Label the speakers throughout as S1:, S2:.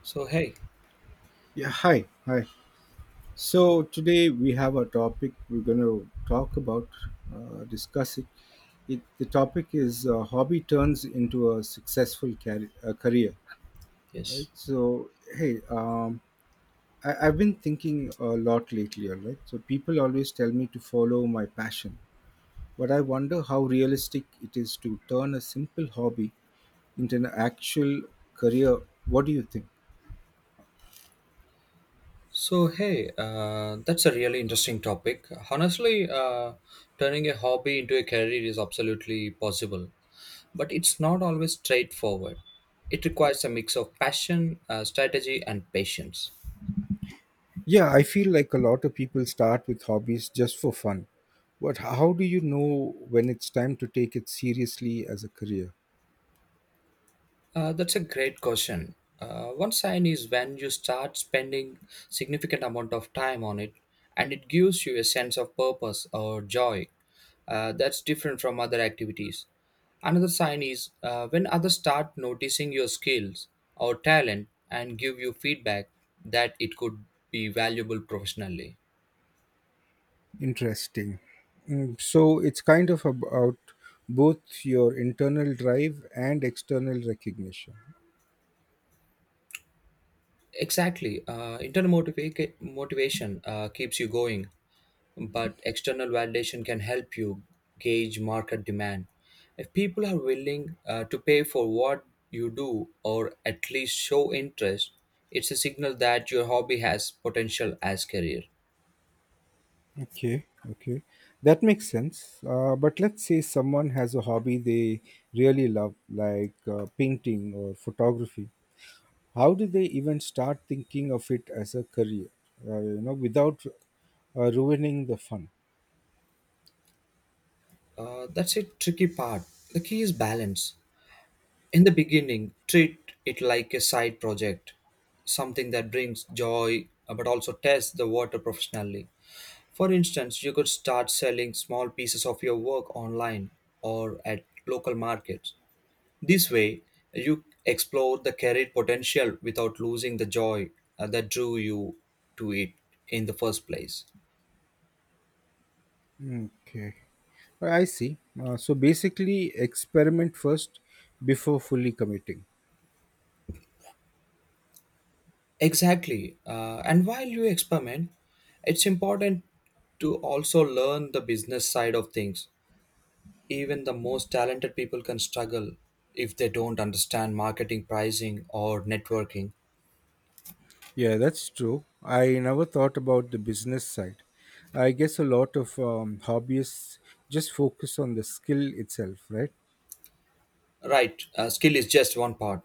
S1: So hey,
S2: Yeah, hi, hi.
S1: so
S2: So today we have a topic we're going to talk about, discuss it. The topic is hobby turns into a successful career, right?
S1: yes.
S2: So hey, I've been thinking a lot lately, all right? So people always tell me to follow my passion, but I wonder how realistic it is to turn a simple hobby into an actual career. What do you think?
S1: So hey, that's a really interesting topic. Honestly, turning a hobby into a career is absolutely possible, but it's not always straightforward. It requires a mix of passion, strategy, and patience.
S2: Yeah, I feel like a lot of people start with hobbies just for fun. But how do you know when it's time to take it seriously as a career?
S1: That's a great question. One sign is when you start spending significant amount of time on it, and it gives you a sense of purpose or joy. That's different from other activities. Another sign is when others start noticing your skills or talent and give you feedback that it could be valuable professionally.
S2: Interesting. So it's kind of about both your internal drive and external recognition.
S1: Exactly. Internal motivation keeps you going, but external validation can help you gauge market demand. If people are willing to pay for what you do or at least show interest, it's a signal that your hobby has potential as career.
S2: Okay, okay. That makes sense. But let's say someone has a hobby they really love, like painting or photography. How do they even start thinking of it as a career? You know, without ruining the fun.
S1: That's a tricky part. The key is balance. In the beginning, treat it like a side project, something that brings joy but also test the water professionally. For instance, you could start selling small pieces of your work online or at local markets. This way, you explore the carried potential without losing the joy that drew you to it in the first place.
S2: Okay, I see. So basically, experiment first before fully committing.
S1: Exactly. And while you experiment, it's important to also learn the business side of things. Even the most talented people can struggle if they don't understand marketing, pricing, or networking.
S2: Yeah, that's true. I never thought about the business side. I guess a lot of hobbyists just focus on the skill itself, right?
S1: Right, skill is just one part.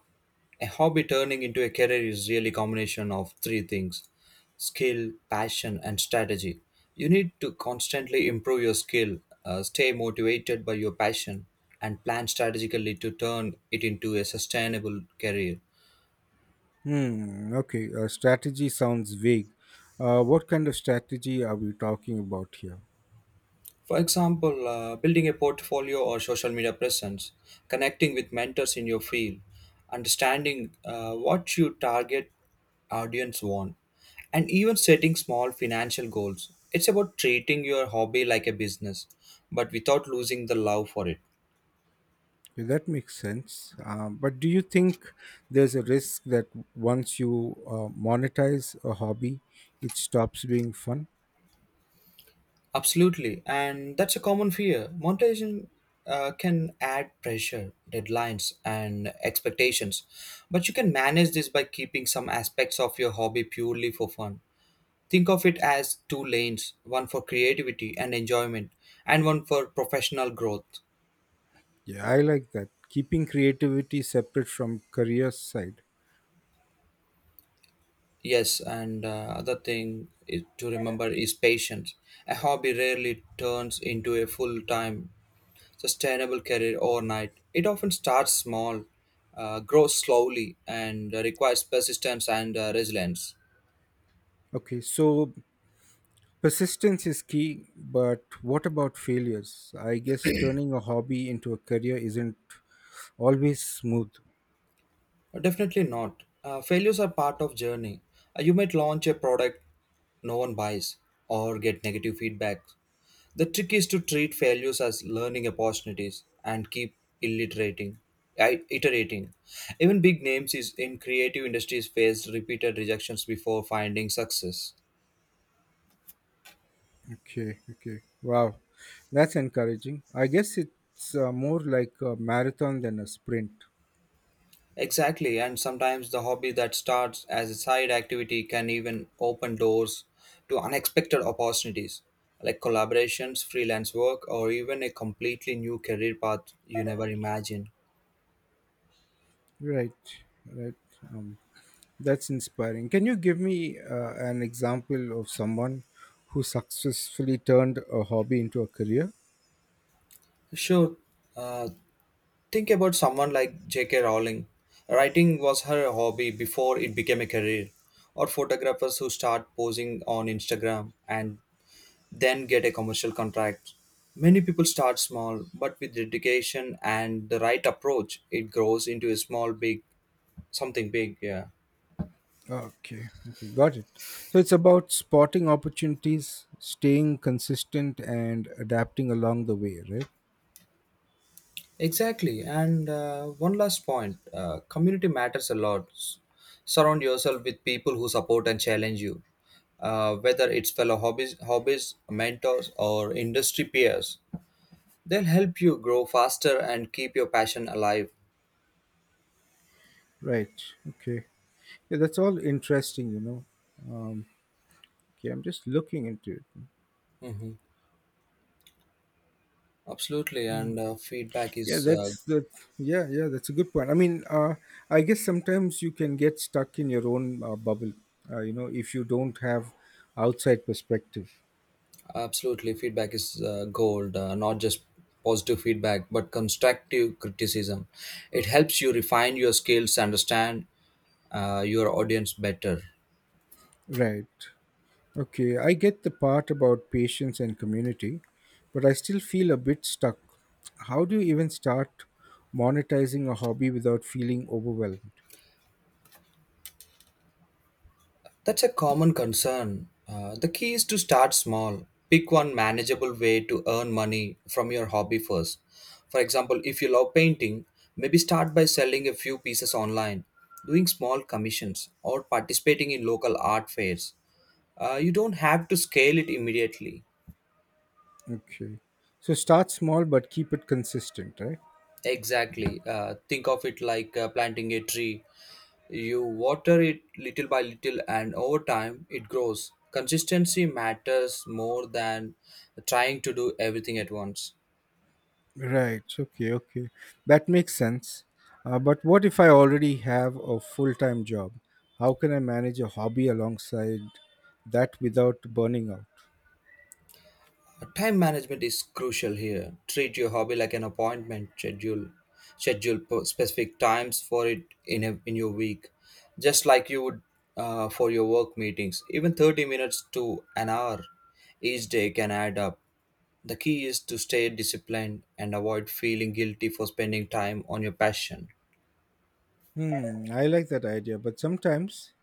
S1: A hobby turning into a career is really combination of three things: skill, passion, and strategy. You need to constantly improve your skill, stay motivated by your passion, and plan strategically to turn it into a sustainable career.
S2: Hmm. Okay. Strategy sounds vague. What kind of strategy are we talking about here?
S1: For example, building a portfolio or social media presence, connecting with mentors in your field, understanding what your target audience want, and even setting small financial goals. It's about treating your hobby like a business, but without losing the love for it.
S2: Yeah, that makes sense. But do you think there's a risk that once you monetize a hobby, it stops being fun?
S1: Absolutely, and that's a common fear. Monetization can add pressure, deadlines, and expectations, but you can manage this by keeping some aspects of your hobby purely for fun. Think of it as two lanes: one for creativity and enjoyment, and one for professional growth.
S2: Yeah, I like that. Keeping creativity separate from career side.
S1: Yes, and other thing is, to remember is patience. A hobby rarely turns into a full time, sustainable career overnight. It often starts small, grows slowly, and requires persistence and resilience.
S2: Okay, so persistence is key, but what about failures? I guess turning a hobby into a career isn't always smooth.
S1: Definitely not. Failures are part of journey. You might launch a product no one buys or get negative feedback. The trick is to treat failures as learning opportunities and keep illiterating, iterating. Even big names is in creative industries faced repeated rejections before finding success.
S2: Okay, okay. Wow, that's encouraging. I guess it's more like a marathon than a sprint.
S1: Exactly, and sometimes the hobby that starts as a side activity can even open doors to unexpected opportunities like collaborations, freelance work, or even a completely new career path you never imagined.
S2: Right, right. Um, that's inspiring. Can you give me an example of someone who successfully turned a hobby into a career?
S1: Sure, uh, think about someone like J.K. Rowling. Writing was her hobby before it became a career, or photographers who start posing on Instagram and then get a commercial contract. Many people start small, but with dedication and the right approach, it grows into a small, big, something big. Yeah,
S2: Okay, okay, got it. So it's about spotting opportunities, staying consistent, and adapting along the way, right?
S1: exactly. And one last point, community matters a lot. Surround yourself with people who support and challenge you, whether it's fellow mentors, or industry peers. They'll help you grow faster and keep your passion alive.
S2: Right, okay. Yeah, that's all interesting, Um, okay, I'm just looking into it.
S1: hmm Absolutely, and uh, feedback
S2: Yeah,
S1: is uh,
S2: that's that. Yeah, yeah, that's a good point. I mean, I guess sometimes you can get stuck in your own bubble, if you don't have outside perspective.
S1: Absolutely, feedback is gold. Not just positive feedback, but constructive criticism. It helps you refine your skills, understand your audience better.
S2: Right. Okay, I get the part about patience and community, but I still feel a bit stuck. How do you even start monetizing a hobby without feeling overwhelmed?
S1: That's a common concern. The key is to start small. Pick one manageable way to earn money from your hobby first. For example, if you love painting, maybe start by selling a few pieces online, doing small commissions, or participating in local art fairs. You don't have to scale it immediately.
S2: Okay. So start small, but keep it consistent, right?
S1: Exactly. Think of it like planting a tree. You water it little by little, and over time, it grows. Consistency matters more than trying to do everything at once.
S2: Right. Okay. Okay. That makes sense. But what if I already have a full time job? How can I manage a hobby alongside that without burning out?
S1: Time management is crucial here. Treat your hobby like an appointment schedule. Schedule specific times for it in your week, just like you would for your work meetings. Even 30 minutes to an hour each day can add up. The key is to stay disciplined and avoid feeling guilty for spending time on your passion.
S2: Hmm. I like that idea. But sometimes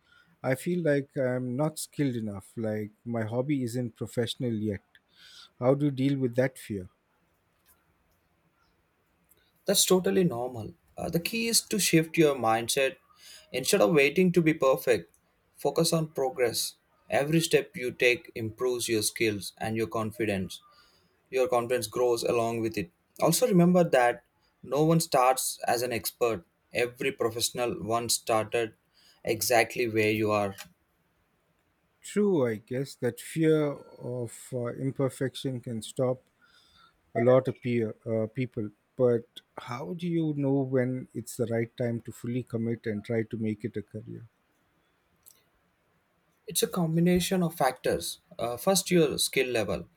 S2: I feel like I'm not skilled enough, like my hobby isn't professional yet. How do you deal with that fear?
S1: That's totally normal. The key is to shift your mindset. Instead of waiting to be perfect, focus on progress. Every step you take improves your skills and your confidence. Your confidence grows along with it. Also, remember that no one starts as an expert. Every professional once started exactly where you are.
S2: True, I guess that fear of imperfection can stop a lot of people, but how do you know when it's the right time to fully commit and try to make it a career?
S1: It's a combination of factors. First, your skill level: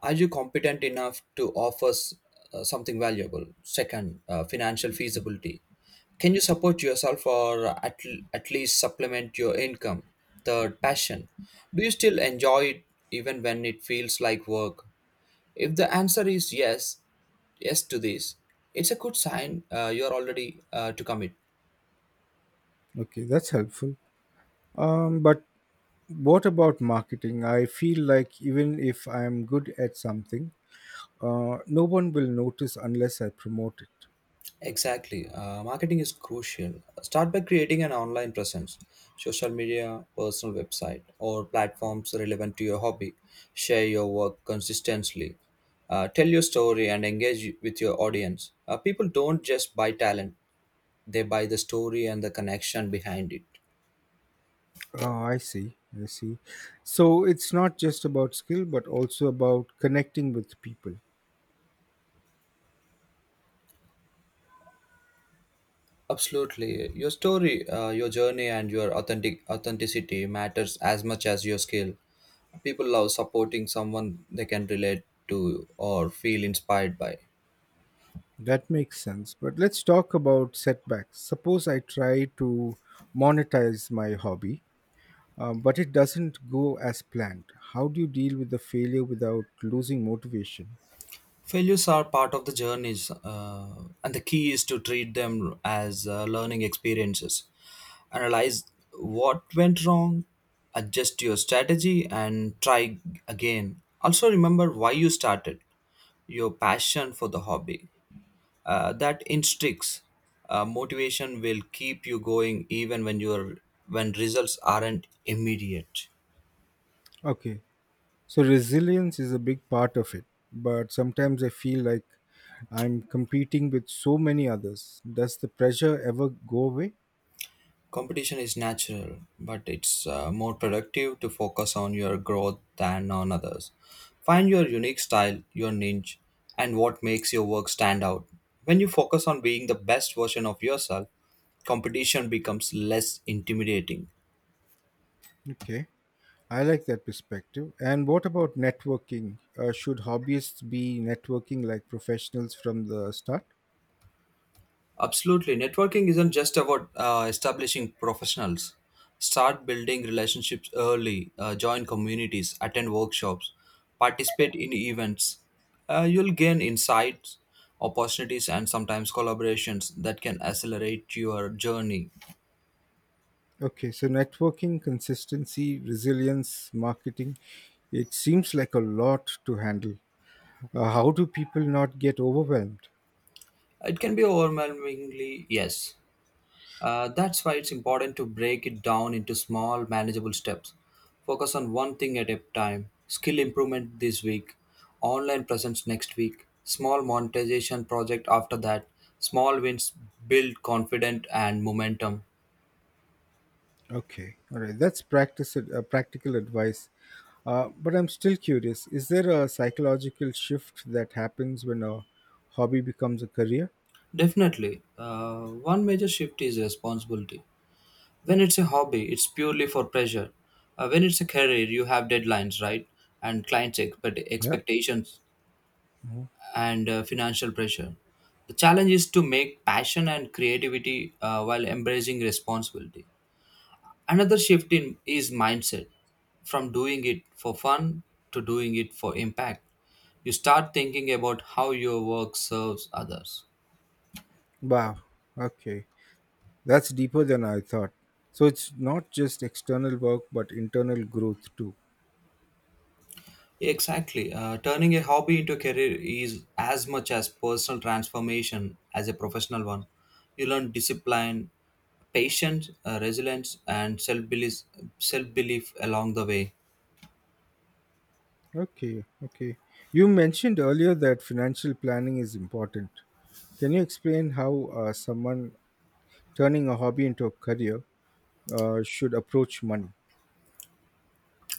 S1: are you competent enough to offer something valuable? Second, financial feasibility: can you support yourself, or at least supplement your income? Third, passion: do you still enjoy it even when it feels like work? If the answer is yes to this, it's a good sign you are already to commit.
S2: Okay, that's helpful. But what about marketing? I feel like even if I'm good at something, no one will notice unless I promote it.
S1: Exactly. Marketing is crucial. Start by creating an online presence, social media, personal website, or platforms relevant to your hobby. Share your work consistently. Tell your story and engage with your audience. People don't just buy talent, they buy the story and the connection behind it.
S2: Oh, I see. I see. So it's not just about skill, but also about connecting with people.
S1: Absolutely. Your story, your journey, and your authenticity matters as much as your skill. People love supporting someone they can relate to or feel inspired by.
S2: That makes sense. But let's talk about setbacks. Suppose I try to monetize my hobby, but it doesn't go as planned. How do you deal with the failure without losing motivation?
S1: Failures are part of the journeys, and the key is to treat them as learning experiences. Analyze what went wrong, adjust your strategy, and try again. Also, remember why you started, your passion for the hobby, that instincts motivation will keep you going, even when results aren't immediate.
S2: Okay, so resilience is a big part of it, but sometimes I feel like I'm competing with so many others. Does the pressure ever go away?
S1: Competition is natural, but it's more productive to focus on your growth than on others. Find your unique style, your niche, and what makes your work stand out. When you focus on being the best version of yourself, competition becomes less intimidating.
S2: Okay, I like that perspective. And what about networking? Should hobbyists be networking like professionals from the start?
S1: Absolutely. Networking isn't just about establishing professionals. Start building relationships early, join communities, attend workshops, participate in events. You'll gain insights, opportunities, and sometimes collaborations that can accelerate your journey.
S2: Okay, so networking, consistency, resilience, marketing, it seems like a lot to handle. How do people not get overwhelmed?
S1: It can be overwhelmingly, yes. That's why it's important to break it down into small, manageable steps. Focus on one thing at a time: skill improvement this week, online presence next week, small monetization project after that. Small wins build confidence and momentum.
S2: Okay, all right, that's practical advice. But I'm still curious, is there a psychological shift that happens when a hobby becomes a career?
S1: Definitely. One major shift is responsibility. When it's a hobby, it's purely for pleasure. When it's a career, you have deadlines, right? And clients' expect-
S2: Yeah.
S1: expectations and financial pressure. The challenge is to make passion and creativity while embracing responsibility. Another shift in is mindset, from doing it for fun to doing it for impact. You start thinking about how your work serves others.
S2: Wow, okay, that's deeper than I thought. So it's not just external work, but internal growth too.
S1: Exactly. Turning a hobby into a career is as much as personal transformation as a professional one. You learn discipline, patience, resilience, and self belief along the way.
S2: Okay, okay. You mentioned earlier that financial planning is important. Can you explain how someone turning a hobby into a career should approach money?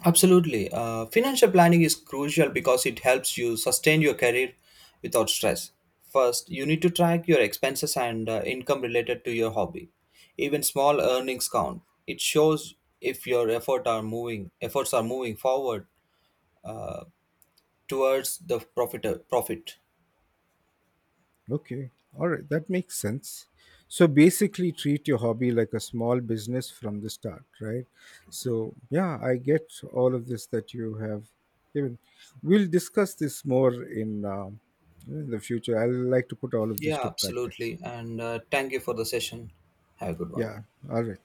S1: Absolutely. Financial planning is crucial because it helps you sustain your career without stress. First, you need to track your expenses and income related to your hobby. Even small earnings count. It shows if your efforts are moving forward towards the profit.
S2: Okay, all right, that makes sense. So basically, treat your hobby like a small business from the start, right? So, yeah, I get all of this that you have given. We'll discuss this more in the future. I'd like to put all of this
S1: Yeah,
S2: to practice.
S1: absolutely. And thank you for the session. Have a good one.
S2: Yeah, all right.